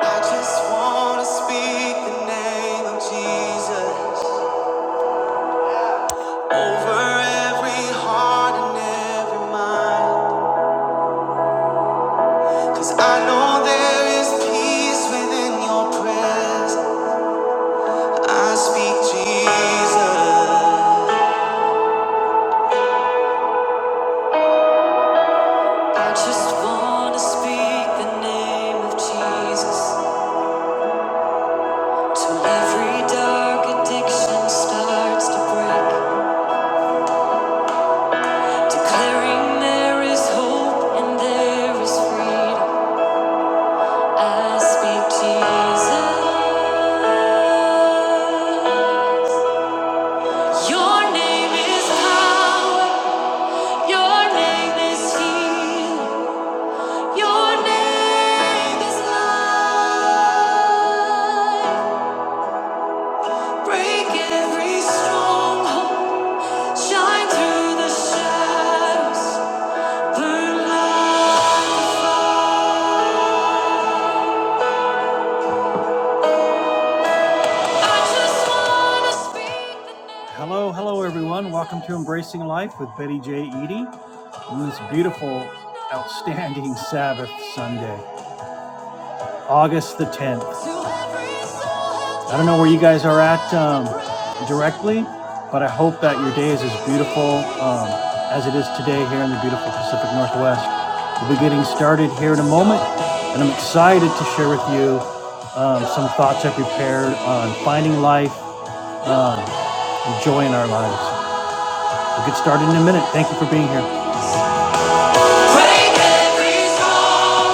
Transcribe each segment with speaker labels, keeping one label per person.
Speaker 1: I just wanna speak the name of Jesus over every heart and every mind. I know there is peace within your presence. I speak Jesus. I just wanna speak the name of Jesus till every dark addiction starts to break. Declaring there is hope and there is freedom. I speak Jesus. Your name is power. Your name is healing. Your name is life. Break every stronghold. Shine through the shadows. Burn light. I just wanna speak to every soul. Break every stronghold.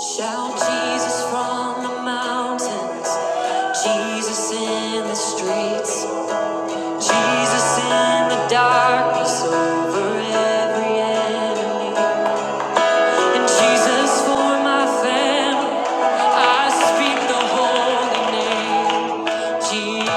Speaker 1: Shout Jesus from the mountains, Jesus in the streets, Jesus in the darkness over every enemy. And Jesus for my family, I speak the holy name, Jesus.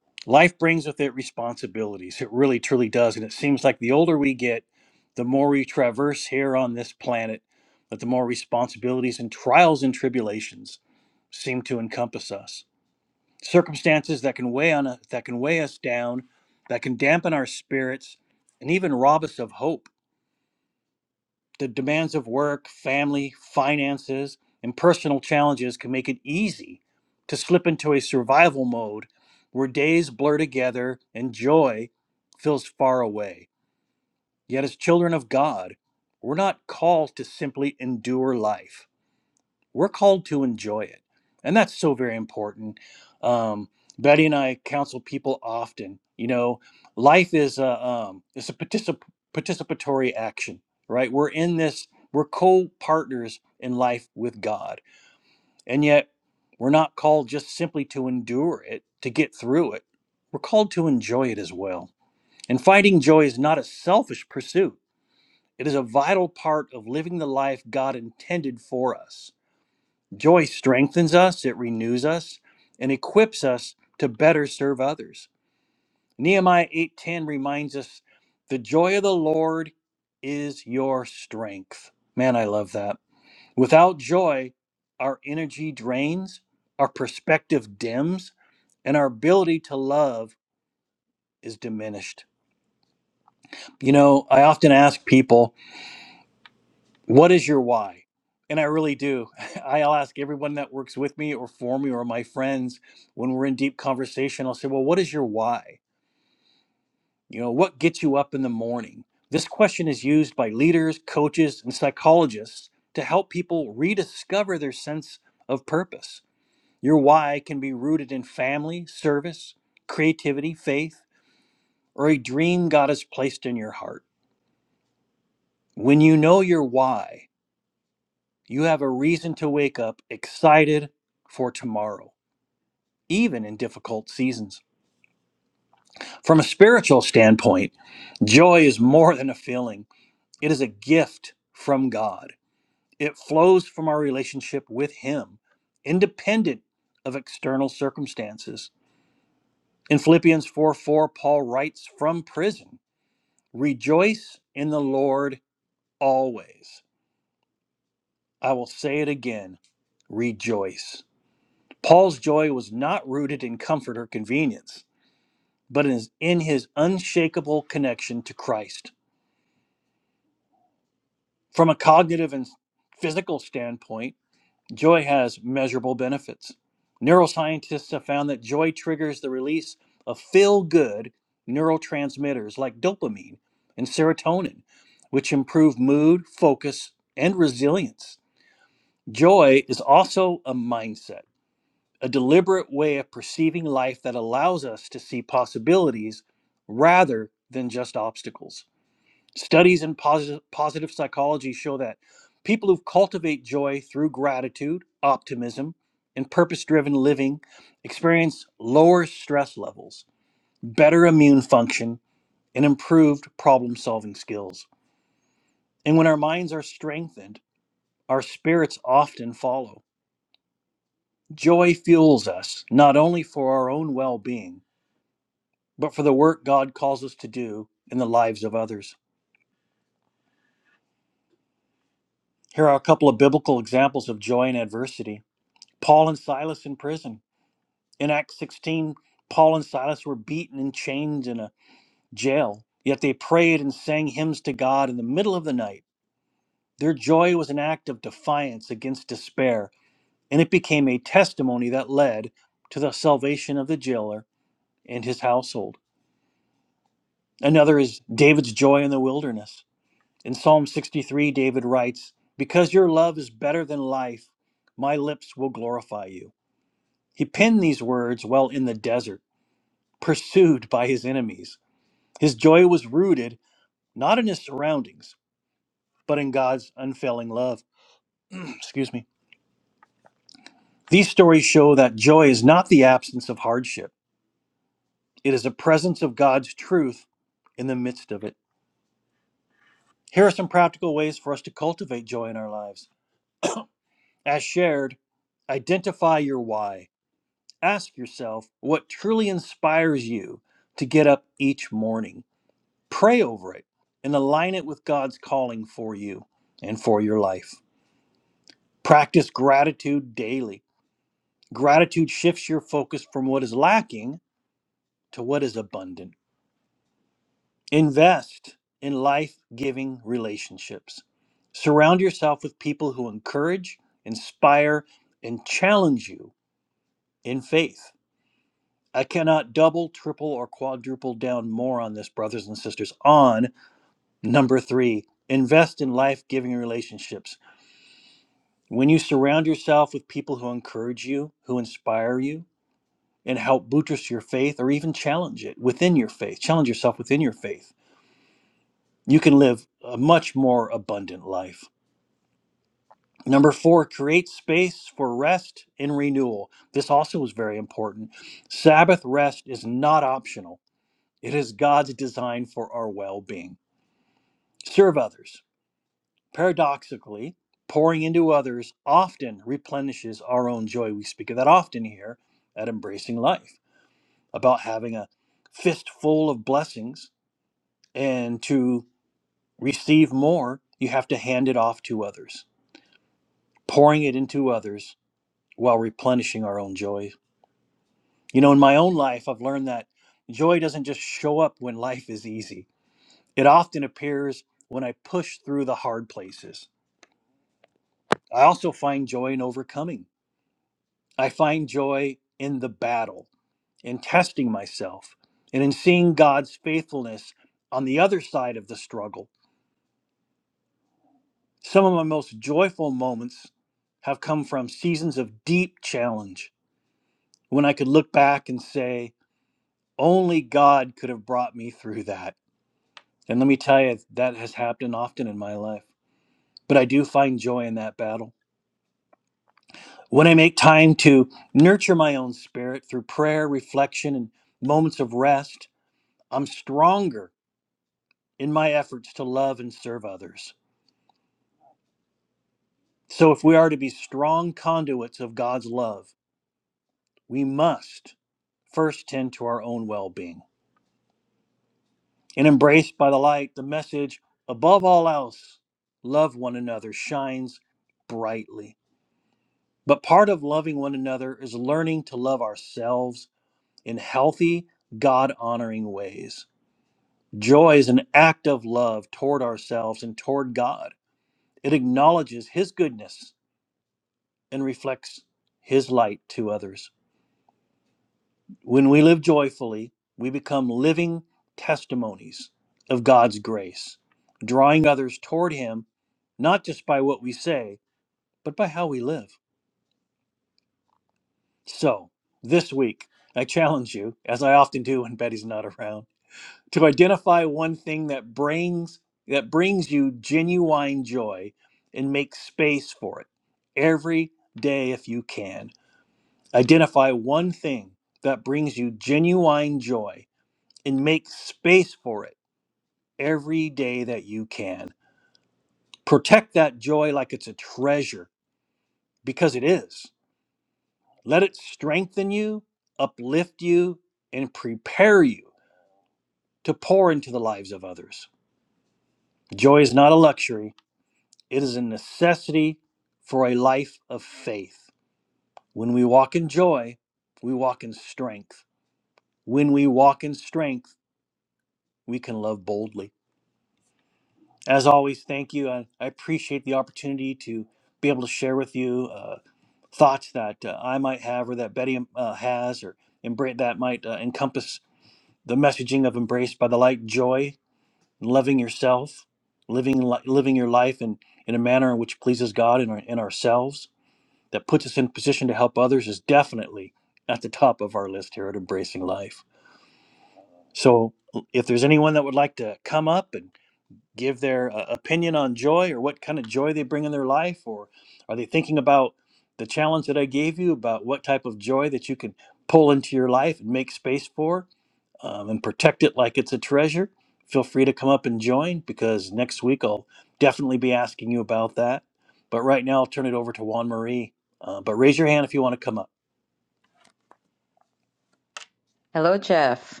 Speaker 2: Hello, Jeff.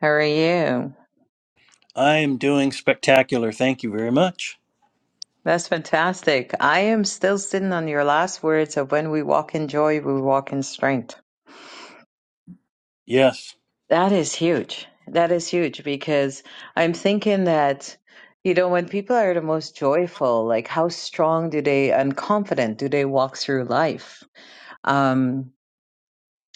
Speaker 2: How are you? That's fantastic. I am still sitting on your last words of when we walk in joy, we walk in strength. That is huge. That is huge because I'm thinking that, you know, when people are the most joyful, like how strong do they and confident do they walk through life? Um,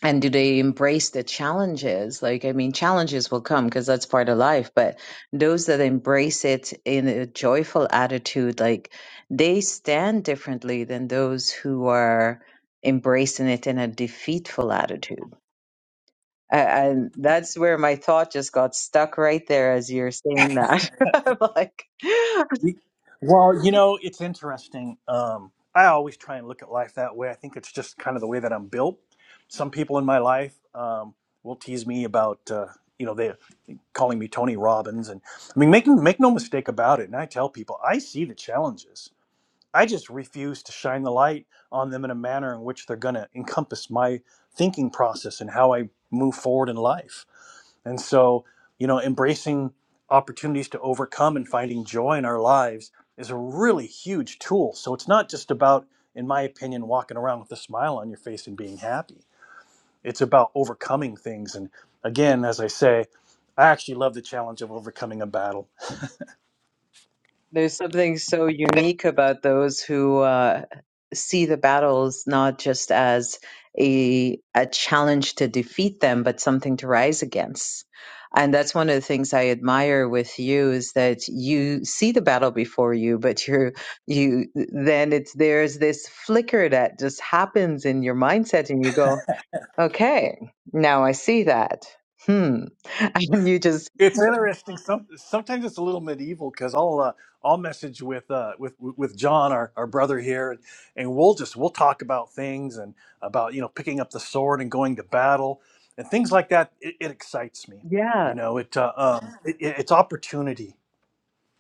Speaker 2: and do they embrace the challenges like i mean challenges will come because that's part of life but those that embrace it in a joyful attitude like they stand differently than those who are embracing it in a defeatful attitude A- and that's where my thought just got stuck right there as you're saying that I'm like There's something so unique about those who uh, see the battles not just as a a challenge to defeat them, but something to rise against. And that's one of the things I admire with you is that you see the battle before you, but you're you then it's there's this flicker that just happens in your mindset, and you go, okay, now I see that. Hmm, and you just yeah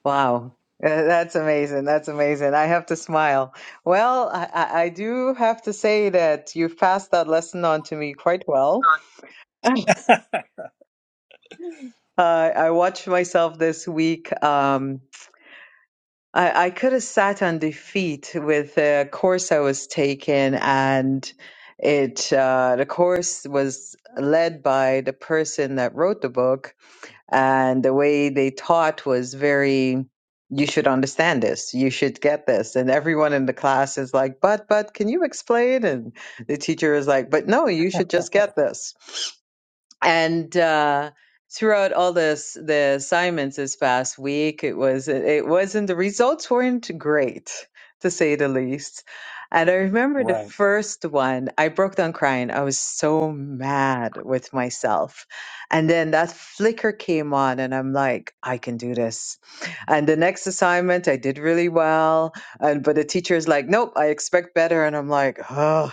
Speaker 2: Wow. Uh, That's amazing. That's amazing. I have to smile. Well, I, I I do have to say that you've passed that lesson on to me quite well. Uh, I watched myself this week. Um, I, I could have sat on defeat with the course I was taking, and it uh, the course was led by the person that wrote the book, and the way they taught was very you should understand this you should get this and everyone in the class is like but but can you explain and the teacher is like but no you should just get this and uh, throughout all this the assignments this past week it was it wasn't the results weren't great to say the least and i remember the first one i broke down crying i was so mad with myself and then that flicker came on and i'm like i can do this and the next assignment i did really well and but the teacher's like nope i expect better and i'm like oh.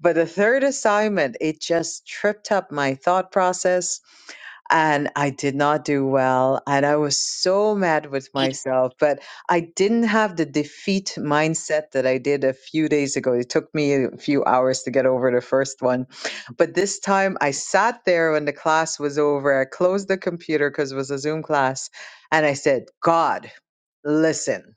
Speaker 2: But the third assignment, it just tripped up my thought process and I did not do well. And I was so mad with myself, but I didn't have the defeat mindset that I did a few days ago. It took me a few hours to get over the first one. But this time I sat there when the class was over. I closed the computer because it was a Zoom class. And I said, God, listen.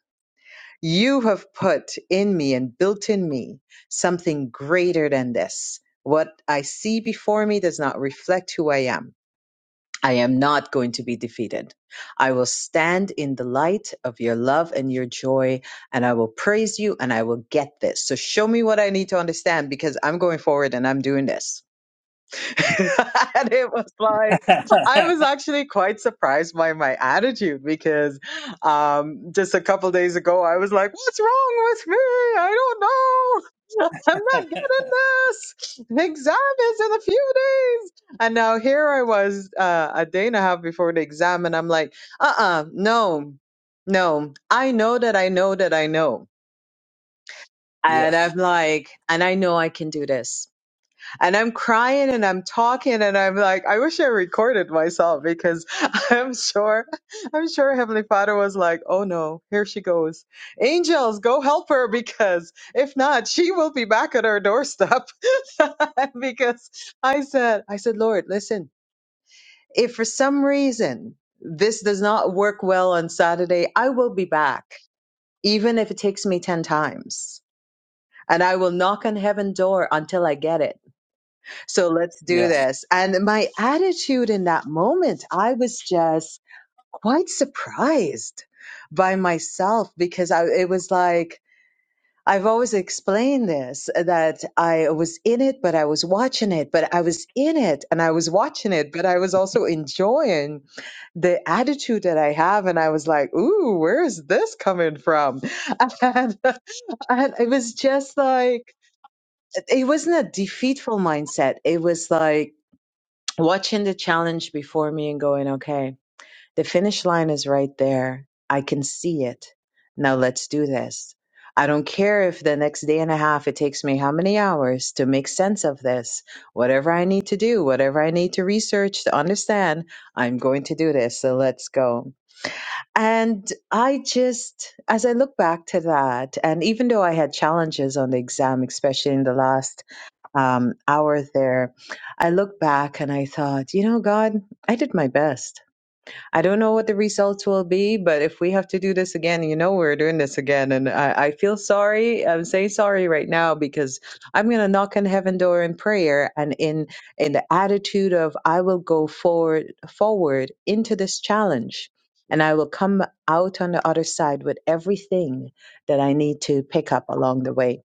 Speaker 2: You have put in me and built in me something greater than this. What I see before me does not reflect who I am. I am not going to be defeated. I will stand in the light of your love and your joy, and I will praise you and I will get this. So show me what I need to understand because I'm going forward and I'm doing this. and it was like I was actually quite surprised by my attitude because um, just a couple days ago I was like, "What's wrong with me? I don't know. I'm not getting this. The exam is in a few days." And now here I was uh, a day and a half before the exam, and I'm like, "Uh-uh, no, no. I know that I know that I know." And I'm like, and I know I can do this and I'm crying and I'm talking and I'm like, I wish I recorded myself because I'm sure, I'm sure Heavenly Father was like, oh no, here she goes. Angels, go help her because if not, she will be back at our doorstep. because I said, I said, Lord, listen, if for some reason this does not work well on Saturday, I will be back, even if it takes me 10 times. And I will knock on heaven door until I get it so let's do this. And my attitude in that moment, I was just quite surprised by myself because I, it was like, I've always explained this uh, that I was in it, but I was watching it, but I was in it and I was watching it, but I was also enjoying the attitude that I have. And I was like, ooh, where is this coming from? And, and it was just like, it wasn't a defeatful mindset. It was like, watching the challenge before me and going, okay, the finish line is right there. I can see it. Now let's do this. I don't care if the next day and a half it takes me how many hours to make sense of this. Whatever I need to do, whatever I need to research to understand, I'm going to do this. So let's go. And I just, as I look back to that, and even though I had challenges on the exam, especially in the last um, hours there, I looked back and I thought, you know, God, I did my best. I don't know what the results will be, but if we have to do this again, you know, we're doing this again. And I, I feel sorry. I'm saying sorry right now because I'm going to knock on heaven door in prayer and in, in the attitude of I will go forward, forward into this challenge. And I will come out on the other side with everything that I need to pick up along the way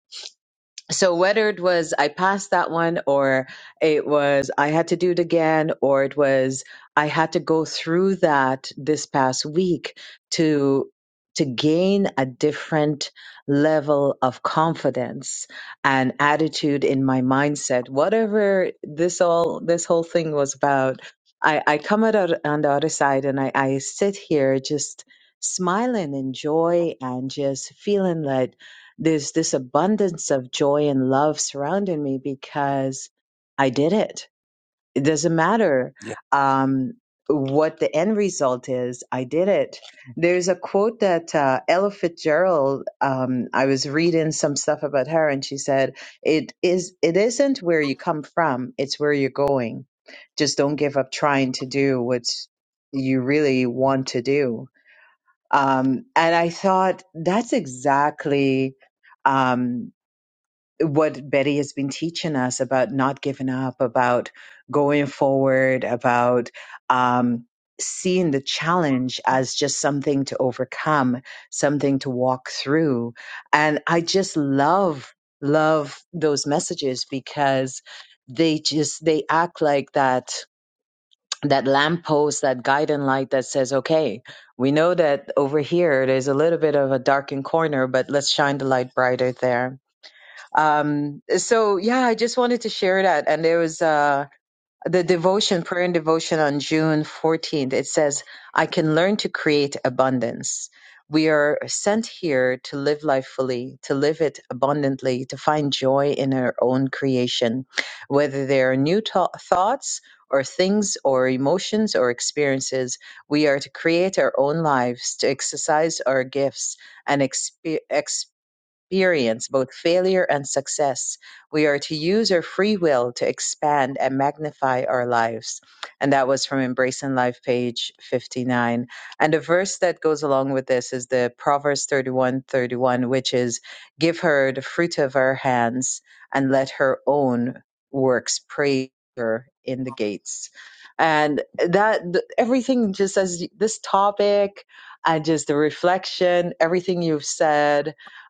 Speaker 2: so whether it was I passed that one or it was I had to do it again or it was I had to go through that this past week to to gain a different level of confidence and attitude in my mindset whatever this all this whole thing was about I I come out on on the other side and I I sit here just smiling in joy and just feeling like there's this abundance of joy and love surrounding me because I did it. It doesn't matter um, what the end result is, I did it. There's a quote that uh, Ella Fitzgerald, um, I was reading some stuff about her, and she said, it is, it isn't where you come from, it's where you're going. Just don't give up trying to do what you really want to do um, and I thought that's exactly um, what Betty has been teaching us about not giving up, about going forward, about um, seeing the challenge as just something to overcome, something to walk through. And I just love, love those messages because they just, they act like that that lamppost, that guiding light that says, okay, we know that over here there's a little bit of a darkened corner, but let's shine the light brighter there. Um, so yeah, I just wanted to share that. And there was, uh, the devotion, prayer and devotion on June 14th, it says, I can learn to create abundance. We are sent here to live life fully, to live it abundantly, to find joy in our own creation, whether they are new to- thoughts or things or emotions or experiences. We are to create our own lives, to exercise our gifts and expe- experience both failure and success. We are to use our free will to expand and magnify our lives. And that was from Embracing Life, page 59. And the verse that goes along with this is the Proverbs 31, 31, which is Give her the fruit of her hands and let her own works praise her in the gates. And that th- everything just as y- this topic and just the reflection, everything you've said,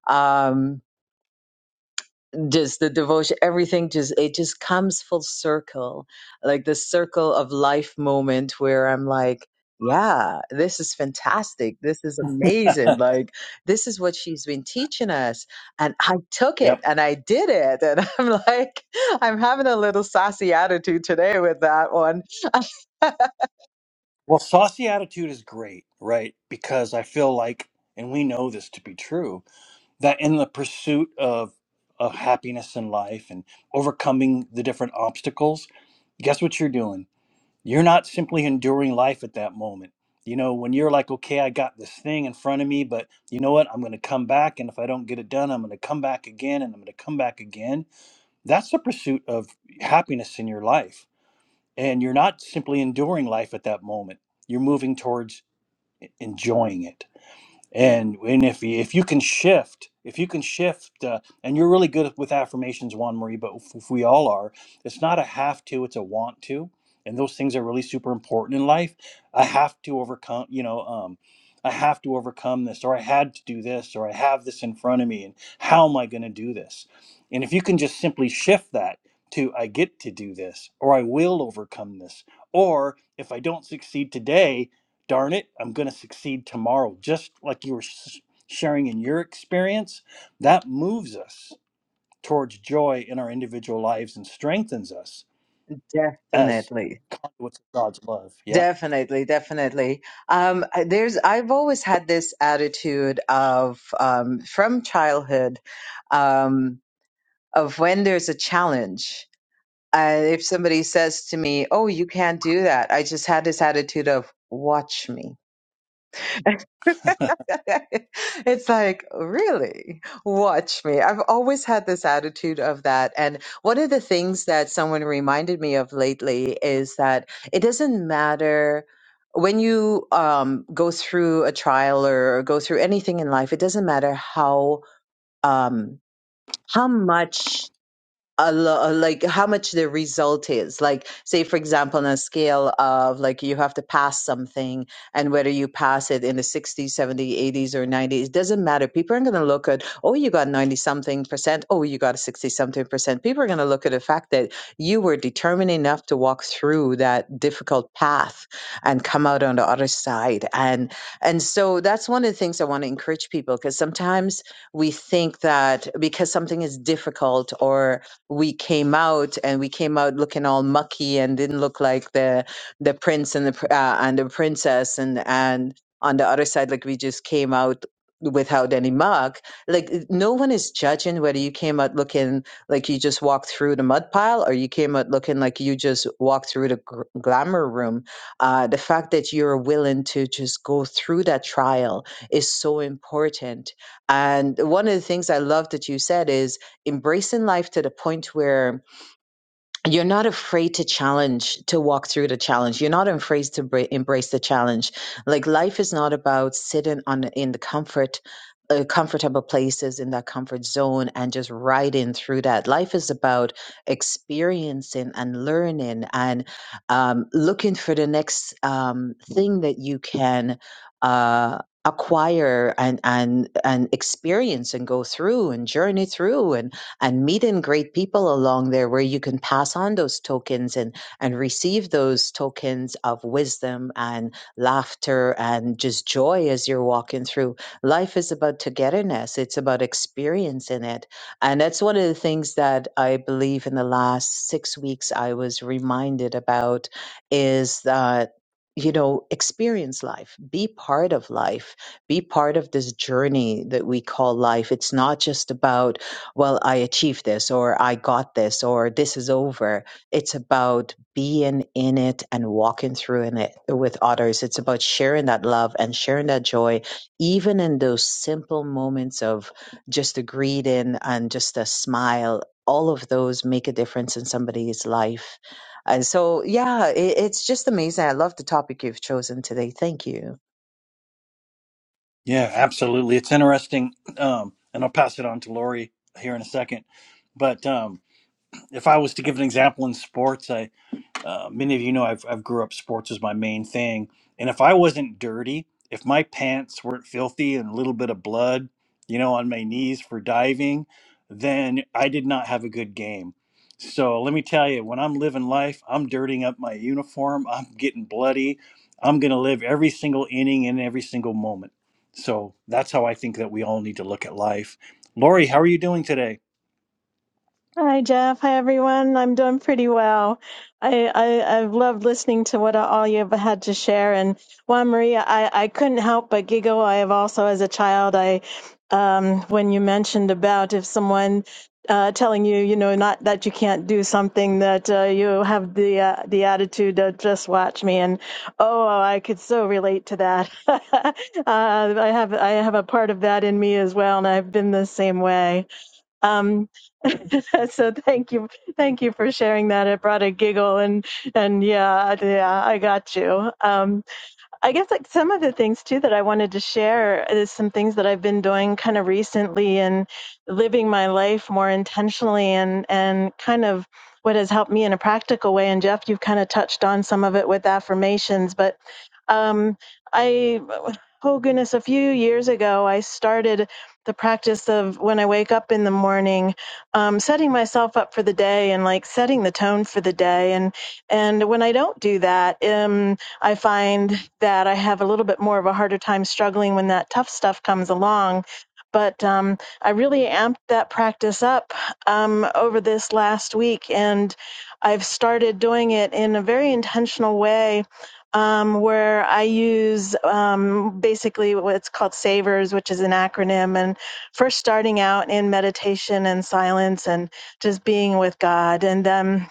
Speaker 2: um just the devotion everything just it just comes full circle like the circle of life moment where i'm like yeah this is fantastic this is amazing like this is what she's been teaching us and i took it and i did it and i'm like i'm having a little sassy attitude today with that one definitely Definitely, definitely. Um, there's, I've always had this attitude of, um, from childhood, um, of when there's a challenge. Uh, if somebody says to me, "Oh, you can't do that," I just had this attitude of, "Watch me." it's like, really? Watch me. I've always had this attitude of that. And one of the things that someone reminded me of lately is that it doesn't matter when you um, go through a trial or go through anything in life, it doesn't matter how. Um, how much a lo- uh, like how much the result is like say for example on a scale of like you have to pass something and whether you pass it in the 60s 70s 80s or 90s it doesn't matter people aren't going to look at oh you got 90 something percent oh you got a 60 something percent people are going to look at the fact that you were determined enough to walk through that difficult path and come out on the other side and and so that's one of the things i want to encourage people because sometimes we think that because something is difficult or we came out and we came out looking all mucky and didn't look like the the prince and the pr- uh, and the princess and and on the other side like we just came out without any muck. like no one is judging whether you came out looking like you just walked through the mud pile or you came out looking like you just walked through the gr- glamour room uh, the fact that you're willing to just go through that trial is so important and one of the things i love that you said is embracing life to the point where you're not afraid to challenge, to walk through the challenge. You're not afraid to bra- embrace the challenge. Like life is not about sitting on in the comfort, uh, comfortable places in that comfort zone and just riding through that. Life is about experiencing and learning and um, looking for the next um, thing that you can. Uh, acquire and and and experience and go through and journey through and and meet and greet people along there where you can pass on those tokens and and receive those tokens of wisdom and laughter and just joy as you're walking through life is about togetherness it's about experiencing it and that's one of the things that i believe in the last six weeks i was reminded about is that you know experience life be part of life be part of this journey that we call life it's not just about well, I achieved this or I got this or this is over. It's about being in it and walking through in it with others. It's about sharing that love and sharing that joy, even in those simple moments of just a greeting and just a smile. All of those make a difference in somebody's life. And so, yeah, it, it's just amazing. I love the topic you've chosen today. Thank you.
Speaker 3: Hi, Jeff. Hi, everyone. I'm doing pretty well. I, I, I've loved listening to what all you've had to share. And Juan Maria, I, I couldn't help but giggle. I have also, as a child, I, um, when you mentioned about if someone uh, telling you, you know, not that you can't do something, that uh, you have the uh, the attitude of just watch me, and oh, I could so relate to that. uh, I have I have a part of that in me as well, and I've been the same way. Um, so thank you, thank you for sharing that. It brought a giggle, and and yeah, yeah, I got you. Um, I guess like some of the things too that I wanted to share is some things that I've been doing kind of recently and living my life more intentionally and and kind of what has helped me in a practical way. And Jeff, you've kind of touched on some of it with affirmations, but um, I oh goodness, a few years ago I started the practice of when I wake up in the morning, um, setting myself up for the day and like setting the tone for the day. And and when I don't do that, um I find that I have a little bit more of a harder time struggling when that tough stuff comes along. But um, I really amped that practice up um, over this last week, and I've started doing it in a very intentional way um, where I use um, basically what's called SAVERS, which is an acronym. And first starting out in meditation and silence and just being with God. And then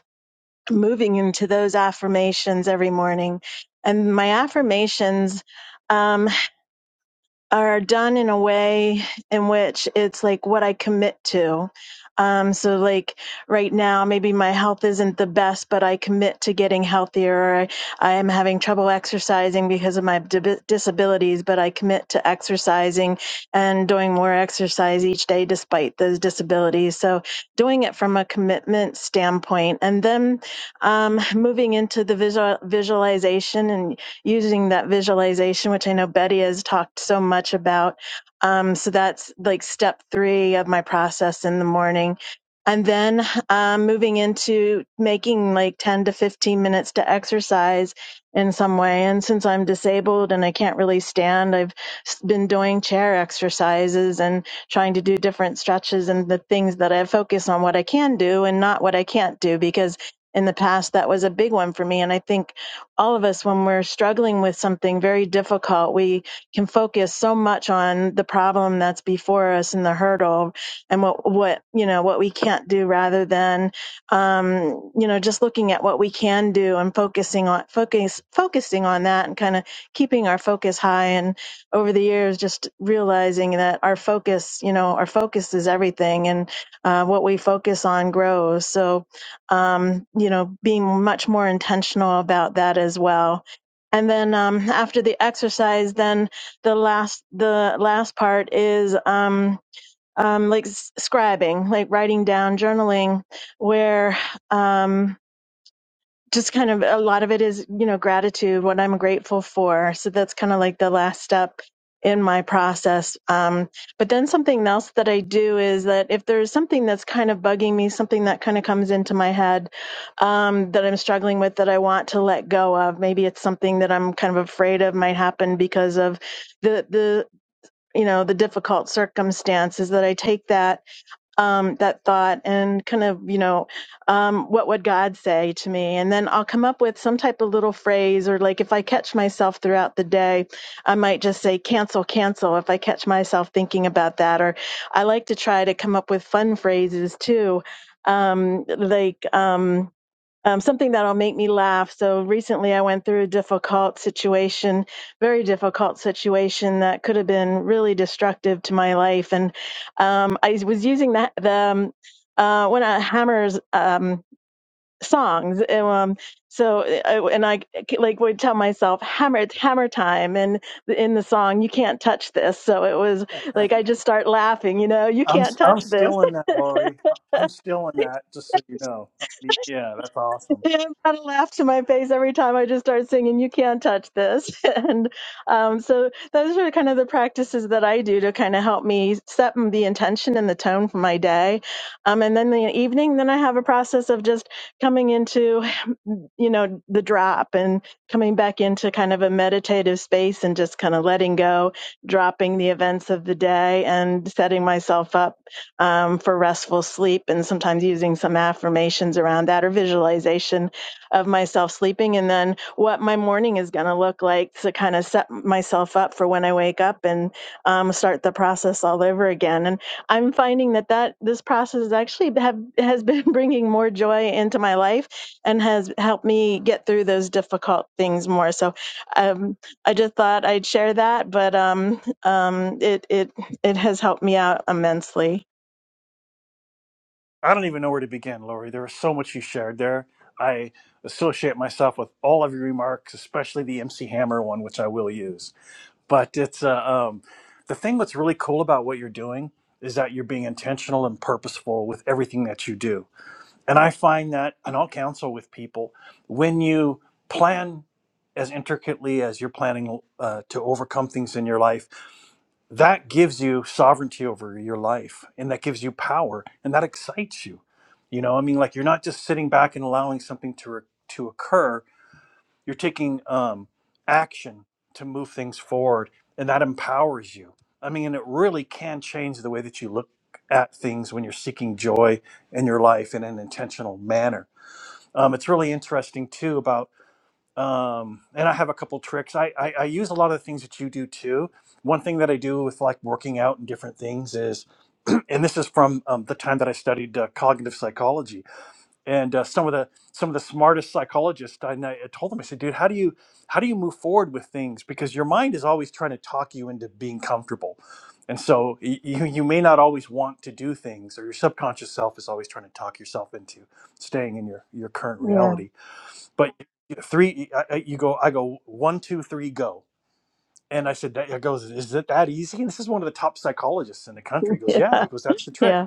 Speaker 3: moving into those affirmations every morning. And my affirmations, um, are done in a way in which it's like what I commit to. Um, so like right now, maybe my health isn't the best, but I commit to getting healthier. Or I, I am having trouble exercising because of my dib- disabilities, but I commit to exercising and doing more exercise each day despite those disabilities. So doing it from a commitment standpoint, and then um, moving into the visual visualization. and using that visualization, which I know Betty has talked so much about. Um, so that's like step three of my process in the morning. And then um, moving into making like 10 to 15 minutes to exercise in some way. And since I'm disabled and I can't really stand, I've been doing chair exercises and trying to do different stretches and the things that I focus on what I can do and not what I can't do because in the past that was a big one for me. And I think all of us when we're struggling with something very difficult we can focus so much on the problem that's before us and the hurdle and what what you know what we can't do rather than um you know just looking at what we can do and focusing on focus focusing on that and kind of keeping our focus high and over the years just realizing that our focus you know our focus is everything and uh, what we focus on grows so um, you know, being much more intentional about that as well. And then um, after the exercise, then the last the last part is um, um, like s- scribing, like writing down, journaling, where um, just kind of a lot of it is you know gratitude what i'm grateful for so that's kind of like the last step in my process um, but then something else that i do is that if there's something that's kind of bugging me something that kind of comes into my head um, that i'm struggling with that i want to let go of maybe it's something that i'm kind of afraid of might happen because of the the you know the difficult circumstances that i take that um, that thought and kind of, you know, um, what would God say to me? And then I'll come up with some type of little phrase, or like if I catch myself throughout the day, I might just say cancel, cancel if I catch myself thinking about that. Or I like to try to come up with fun phrases too. Um, like, um, um, something that'll make me laugh. So recently, I went through a difficult situation, very difficult situation that could have been really destructive to my life, and um, I was using that the um, uh, one of Hammer's um, songs. And, um, so I, and I like would tell myself, "Hammer, it's hammer time!" And in the song, "You can't touch this." So it was like I just start laughing. You know, you can't touch this. I've got a laugh to my face every time I just start singing, You Can't Touch This. And um, so those are kind of the practices that I do to kind of help me set the intention and the tone for my day. Um, and then the evening, then I have a process of just coming into, you know, the drop and coming back into kind of a meditative space and just kind of letting go, dropping the events of the day and setting myself up um, for restful sleep, and sometimes using some affirmations around that or visualization of myself sleeping, and then what my morning is going to look like to kind of set myself up for when I wake up and um, start the process all over again. And I'm finding that that this process actually have, has been bringing more joy into my life and has helped me get through those difficult things more. So um, I just thought I'd share that, but um, um, it it it has helped me out immensely. Yeah. Yeah. Yeah.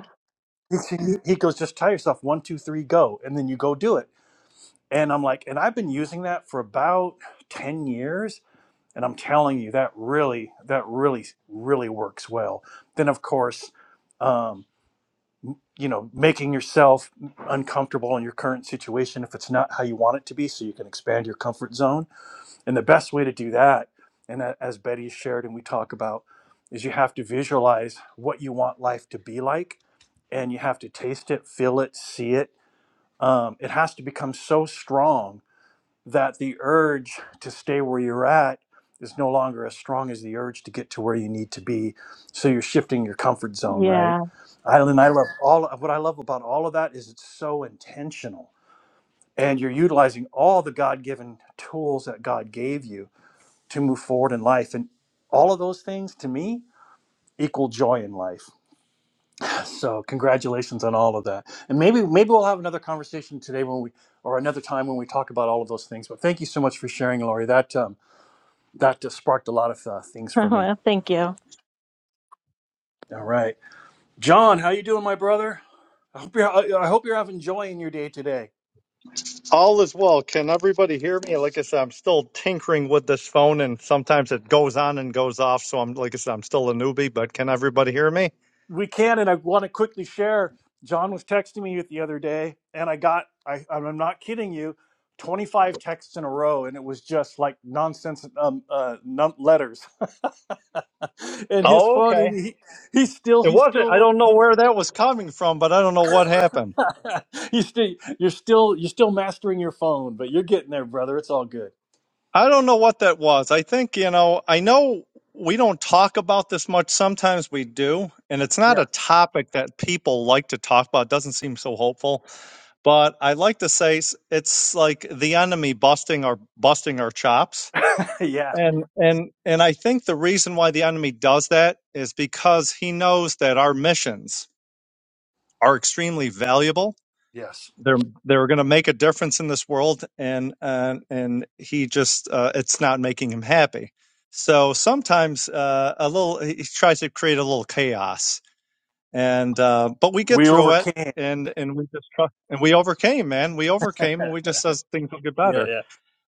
Speaker 3: Yeah. Well, thank you.
Speaker 4: All is well. Can everybody hear me? Like I said, I'm still tinkering with this phone, and sometimes it goes on and goes off. So I'm, like I said, I'm still a newbie. But can everybody hear me? Oh, okay. It wasn't. I don't know where that was coming from, but I don't know what happened. I don't know what that was. I think you know. I know we don't talk about this much. Sometimes we do, and it's not a topic that people like to talk about. It doesn't seem so hopeful. But I like to say s- it's like the enemy busting our busting our chops And and and I think the reason why the enemy does that is because he knows that our missions are extremely valuable. They're they're going to make a difference in this world, and uh, and he just uh, it's not making him happy. So sometimes uh, a little he tries to create a little chaos, and uh, but we get through it, and and we just trust, and we overcame, man. We overcame, and we just says things will get better.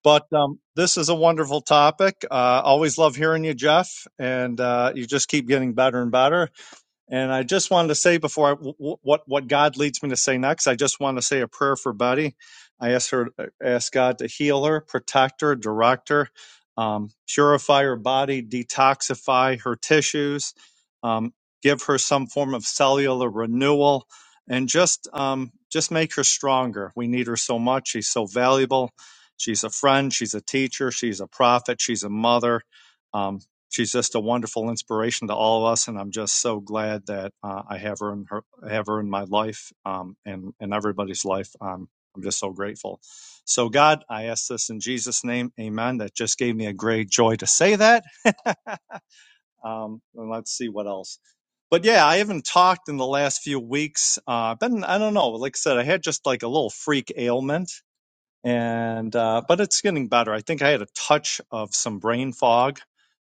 Speaker 4: But um, this is a wonderful topic. Uh, always love hearing you, Jeff, and uh, you just keep getting better and better. And I just wanted to say before I, w- w- what what God leads me to say next, I just want to say a prayer for Betty. I ask her, ask God to heal her, protect her, direct her, um, purify her body, detoxify her tissues, um, give her some form of cellular renewal, and just um, just make her stronger. We need her so much. She's so valuable. She's a friend. She's a teacher. She's a prophet. She's a mother. Um, she's just a wonderful inspiration to all of us, and I'm just so glad that uh, I have her in her have her in my life um, and and everybody's life. Um, I'm just so grateful. So God, I ask this in Jesus' name, Amen. That just gave me a great joy to say that. um, and let's see what else. But yeah, I haven't talked in the last few weeks. Uh, I've been I don't know. Like I said, I had just like a little freak ailment and uh, but it's getting better. I think I had a touch of some brain fog.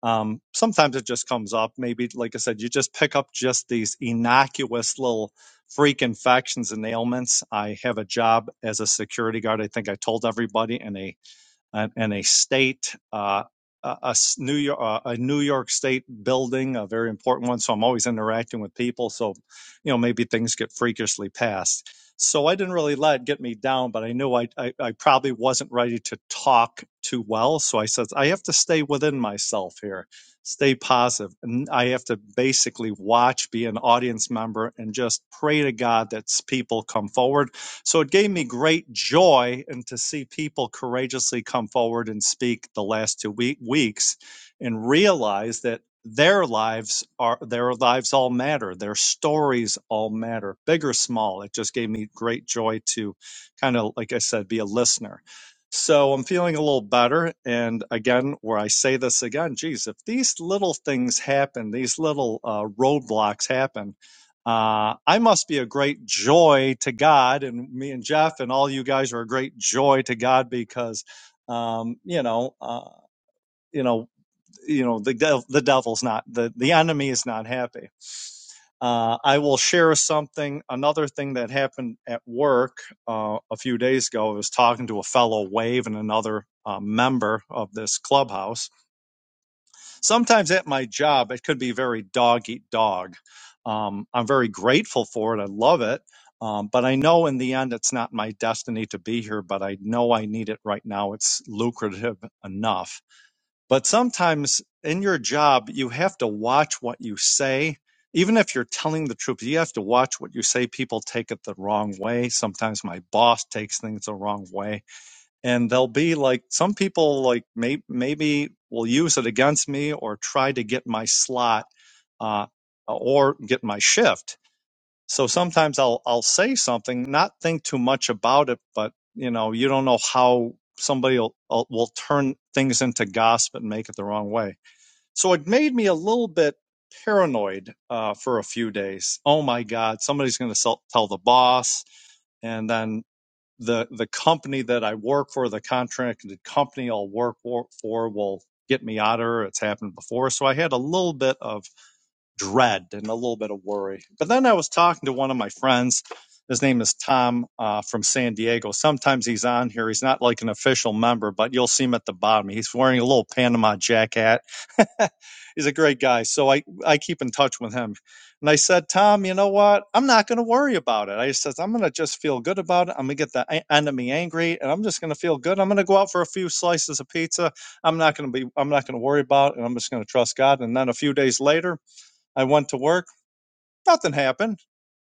Speaker 4: Um, sometimes it just comes up. Maybe, like I said, you just pick up just these innocuous little freak infections and ailments. I have a job as a security guard. I think I told everybody, and a and, and a state, uh, a, a s- New York, uh, a New York State building, a very important one. So I'm always interacting with people. So, you know, maybe things get freakishly passed. So I didn't really let it get me down, but I knew I, I, I probably wasn't ready to talk too well. So I said, I have to stay within myself here, stay positive. And I have to basically watch, be an audience member, and just pray to God that s- people come forward so it gave me great joy and to see people courageously come forward and speak the last two week, weeks and realize that their lives are their lives all matter their stories all matter big or small it just gave me great joy to kind of like i said be a listener so i'm feeling a little better and again where i say this again geez if these little things happen these little uh, roadblocks happen uh, I must be a great joy to God, and me and Jeff and all you guys are a great joy to God because, um, you know, uh, you know, you know, the dev- the devil's not the the enemy is not happy. Uh, I will share something. Another thing that happened at work uh, a few days ago. I was talking to a fellow wave and another uh, member of this clubhouse sometimes at my job it could be very dog eat dog um, i'm very grateful for it i love it um, but i know in the end it's not my destiny to be here but i know i need it right now it's lucrative enough but sometimes in your job you have to watch what you say even if you're telling the truth you have to watch what you say people take it the wrong way sometimes my boss takes things the wrong way and they'll be like some people like may, maybe will use it against me or try to get my slot uh, or get my shift so sometimes i'll i'll say something not think too much about it but you know you don't know how somebody will, uh, will turn things into gossip and make it the wrong way so it made me a little bit paranoid uh, for a few days oh my god somebody's going to tell the boss and then the the company that I work for, the contracted company I'll work for, will get me out of here. It's happened before, so I had a little bit of dread and a little bit of worry. But then I was talking to one of my friends. His name is Tom uh, from San Diego. Sometimes he's on here. He's not like an official member, but you'll see him at the bottom. He's wearing a little Panama jacket he's a great guy. So I, I keep in touch with him. And I said, Tom, you know what? I'm not going to worry about it. I said, I'm going to just feel good about it. I'm going to get the en- enemy angry and I'm just going to feel good. I'm going to go out for a few slices of pizza. I'm not going to be, I'm not going to worry about it. And I'm just going to trust God. And then a few days later, I went to work. Nothing happened.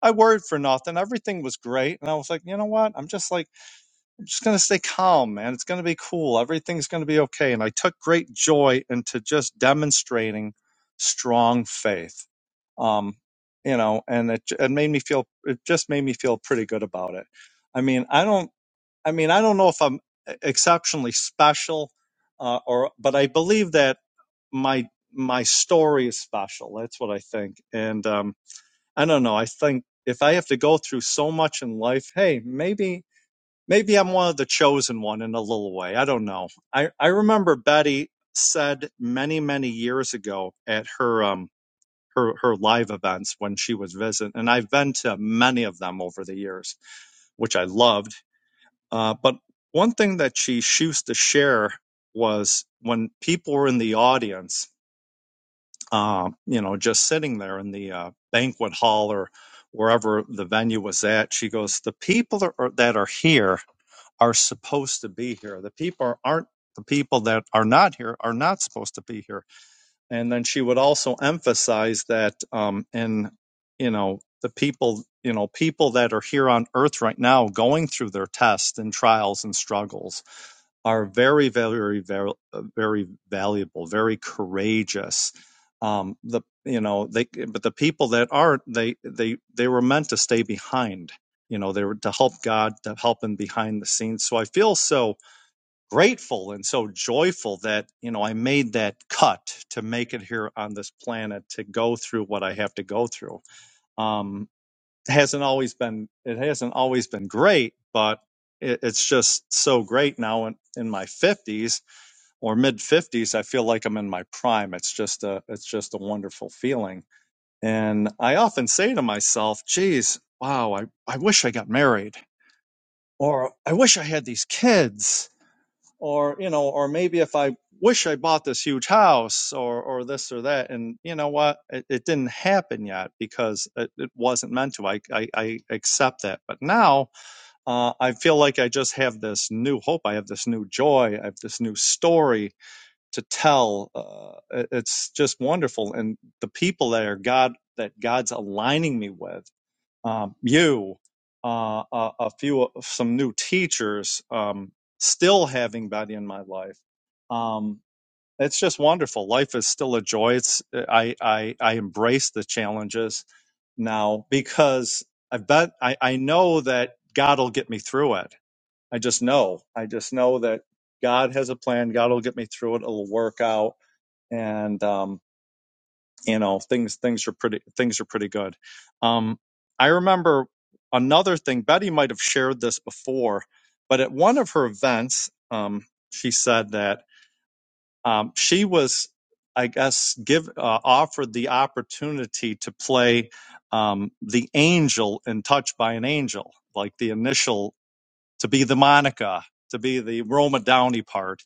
Speaker 4: I worried for nothing. Everything was great. And I was like, you know what? I'm just like, just going to stay calm, man. It's going to be cool. Everything's going to be okay. And I took great joy into just demonstrating strong faith. Um, you know, and it, it made me feel, it just made me feel pretty good about it. I mean, I don't, I mean, I don't know if I'm e-, exceptionally special, uh, or, but I believe that my, my story is special. That's what I think. And, um, I don't know. I think if I have to go through so much in life, hey, maybe maybe I'm one of the chosen one in a little way. I don't know. I, I remember Betty said many, many years ago at her um her, her live events when she was visiting, and I've been to many of them over the years, which I loved. Uh, but one thing that she used to share was when people were in the audience, uh, you know, just sitting there in the uh, banquet hall or wherever the venue was at, she goes, The people that are, that are here are supposed to be here. The people aren't the people that are not here are not supposed to be here. And then she would also emphasize that um, in you know the people you know people that are here on earth right now going through their tests and trials and struggles are very, very, very, uh, very valuable, very courageous. Um, the you know they, but the people that aren't, they they they were meant to stay behind. You know, they were to help God, to help Him behind the scenes. So I feel so grateful and so joyful that you know I made that cut to make it here on this planet to go through what I have to go through. Um, hasn't always been it hasn't always been great, but it, it's just so great now in, in my fifties or mid fifties. I feel like I'm in my prime. It's just a it's just a wonderful feeling. And I often say to myself, geez, wow, I, I wish I got married. Or I wish I had these kids or you know or maybe if i wish i bought this huge house or or this or that and you know what it, it didn't happen yet because it, it wasn't meant to I, I i accept that but now uh, i feel like i just have this new hope i have this new joy i have this new story to tell uh, it- it's just wonderful and the people that are god that god's aligning me with um, you, uh, a, a few, some new teachers, um, still having Betty in my life. Um, it's just wonderful. Life is still a joy. It's I I, I embrace the challenges now because I bet I, I know that God will get me through it. I just know. I just know that God has a plan. God will get me through it. It'll work out. And um, you know things things are pretty things are pretty good um i remember another thing betty might have shared this before but at one of her events um she said that um she was i guess give uh, offered the opportunity to play um the angel in touched by an angel like the initial to be the monica to be the roma downey part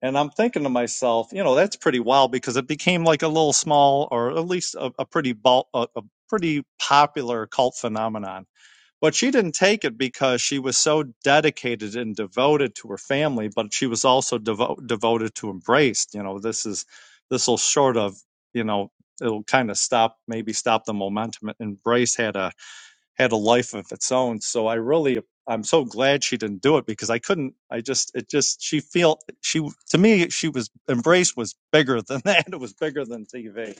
Speaker 4: and I'm thinking to myself, you know, that's pretty wild because it became like a little small, or at least a, a pretty bul- a, a pretty popular cult phenomenon. But she didn't take it because she was so dedicated and devoted to her family, but she was also devo- devoted to embraced. You know, this is this will sort of, you know, it'll kind of stop maybe stop the momentum. Embrace had a had a life of its own. So I really, I'm so glad she didn't do it because I couldn't. I just, it just, she felt she to me, she was embrace was bigger than that. It was bigger than TV.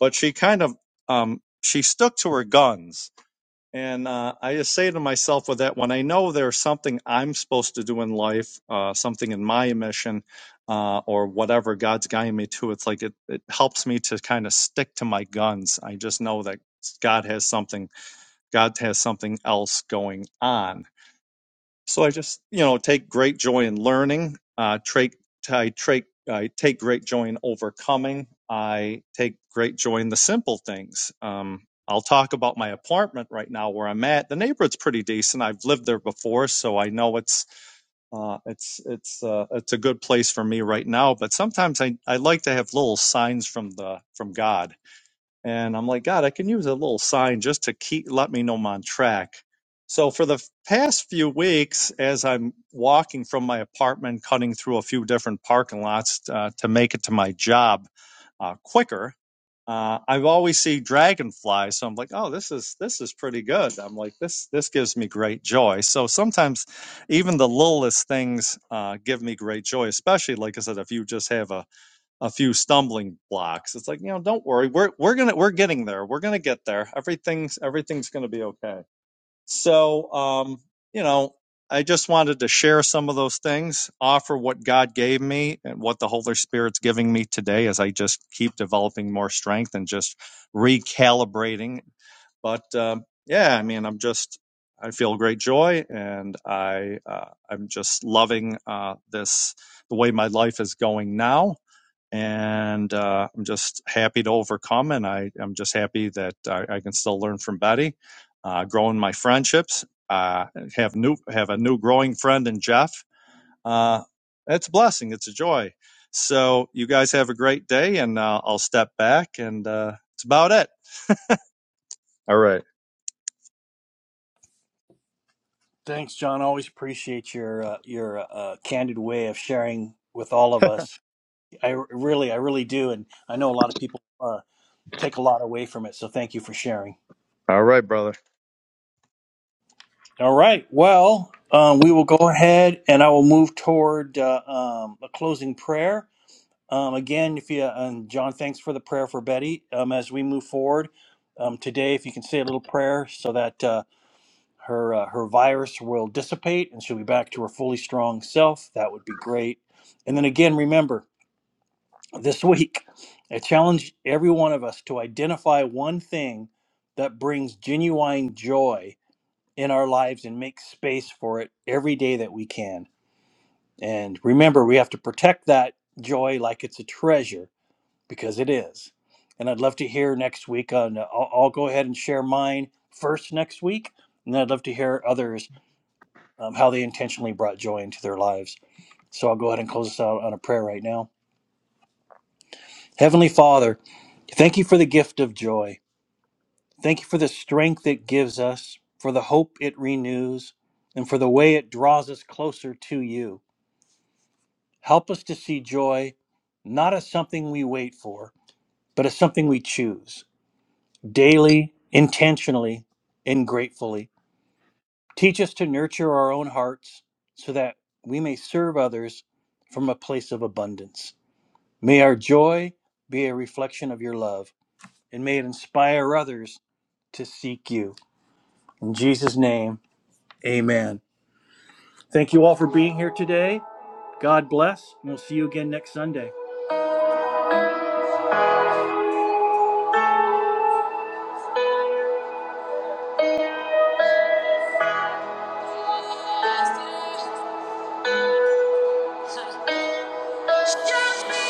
Speaker 4: But she kind of, um, she stuck to her guns. And uh, I just say to myself with that, when I know there's something I'm supposed to do in life, uh, something in my mission, uh, or whatever God's guiding me to, it's like it, it helps me to kind of stick to my guns. I just know that God has something God has something else going on. So I just, you know, take great joy in learning. Uh, take, I, take, I take great joy in overcoming. I take great joy in the simple things. Um, I'll talk about my apartment right now where I'm at. The neighborhood's pretty decent. I've lived there before, so I know it's uh, it's it's uh, it's a good place for me right now. But sometimes I, I like to have little signs from the from God and I'm like, God, I can use a little sign just to keep let me know I'm on track. So for the f- past few weeks, as I'm walking from my apartment, cutting through a few different parking lots uh, to make it to my job uh, quicker, uh, I've always see dragonflies. So I'm like, oh, this is this is pretty good. I'm like, this this gives me great joy. So sometimes even the littlest things uh, give me great joy, especially like I said, if you just have a a few stumbling blocks. It's like, you know, don't worry. We're we're gonna we're getting there. We're gonna get there. Everything's everything's gonna be okay. So um, you know, I just wanted to share some of those things, offer what God gave me and what the Holy Spirit's giving me today as I just keep developing more strength and just recalibrating. But um, yeah, I mean, I'm just I feel great joy, and I uh, I'm just loving uh, this the way my life is going now and uh, I'm just happy to overcome. And I, I'm just happy that I, I can still learn from Betty, uh, growing my friendships, uh, have new have a new growing friend in Jeff. Uh, it's a blessing. It's a joy. So you guys have a great day, and uh, I'll step back, and uh, that's about it. All right. All right, brother.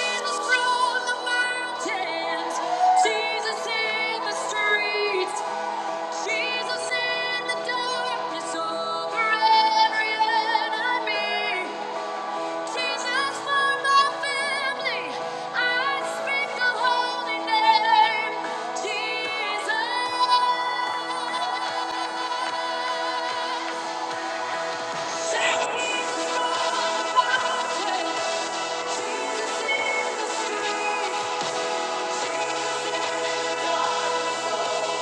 Speaker 1: Jesus from the mountains, Jesus in the streets, Jesus in the darkness over every enemy. Jesus for my family, I speak the holy name, Jesus. Jesus for my family, Jesus in the street, Jesus in the dark.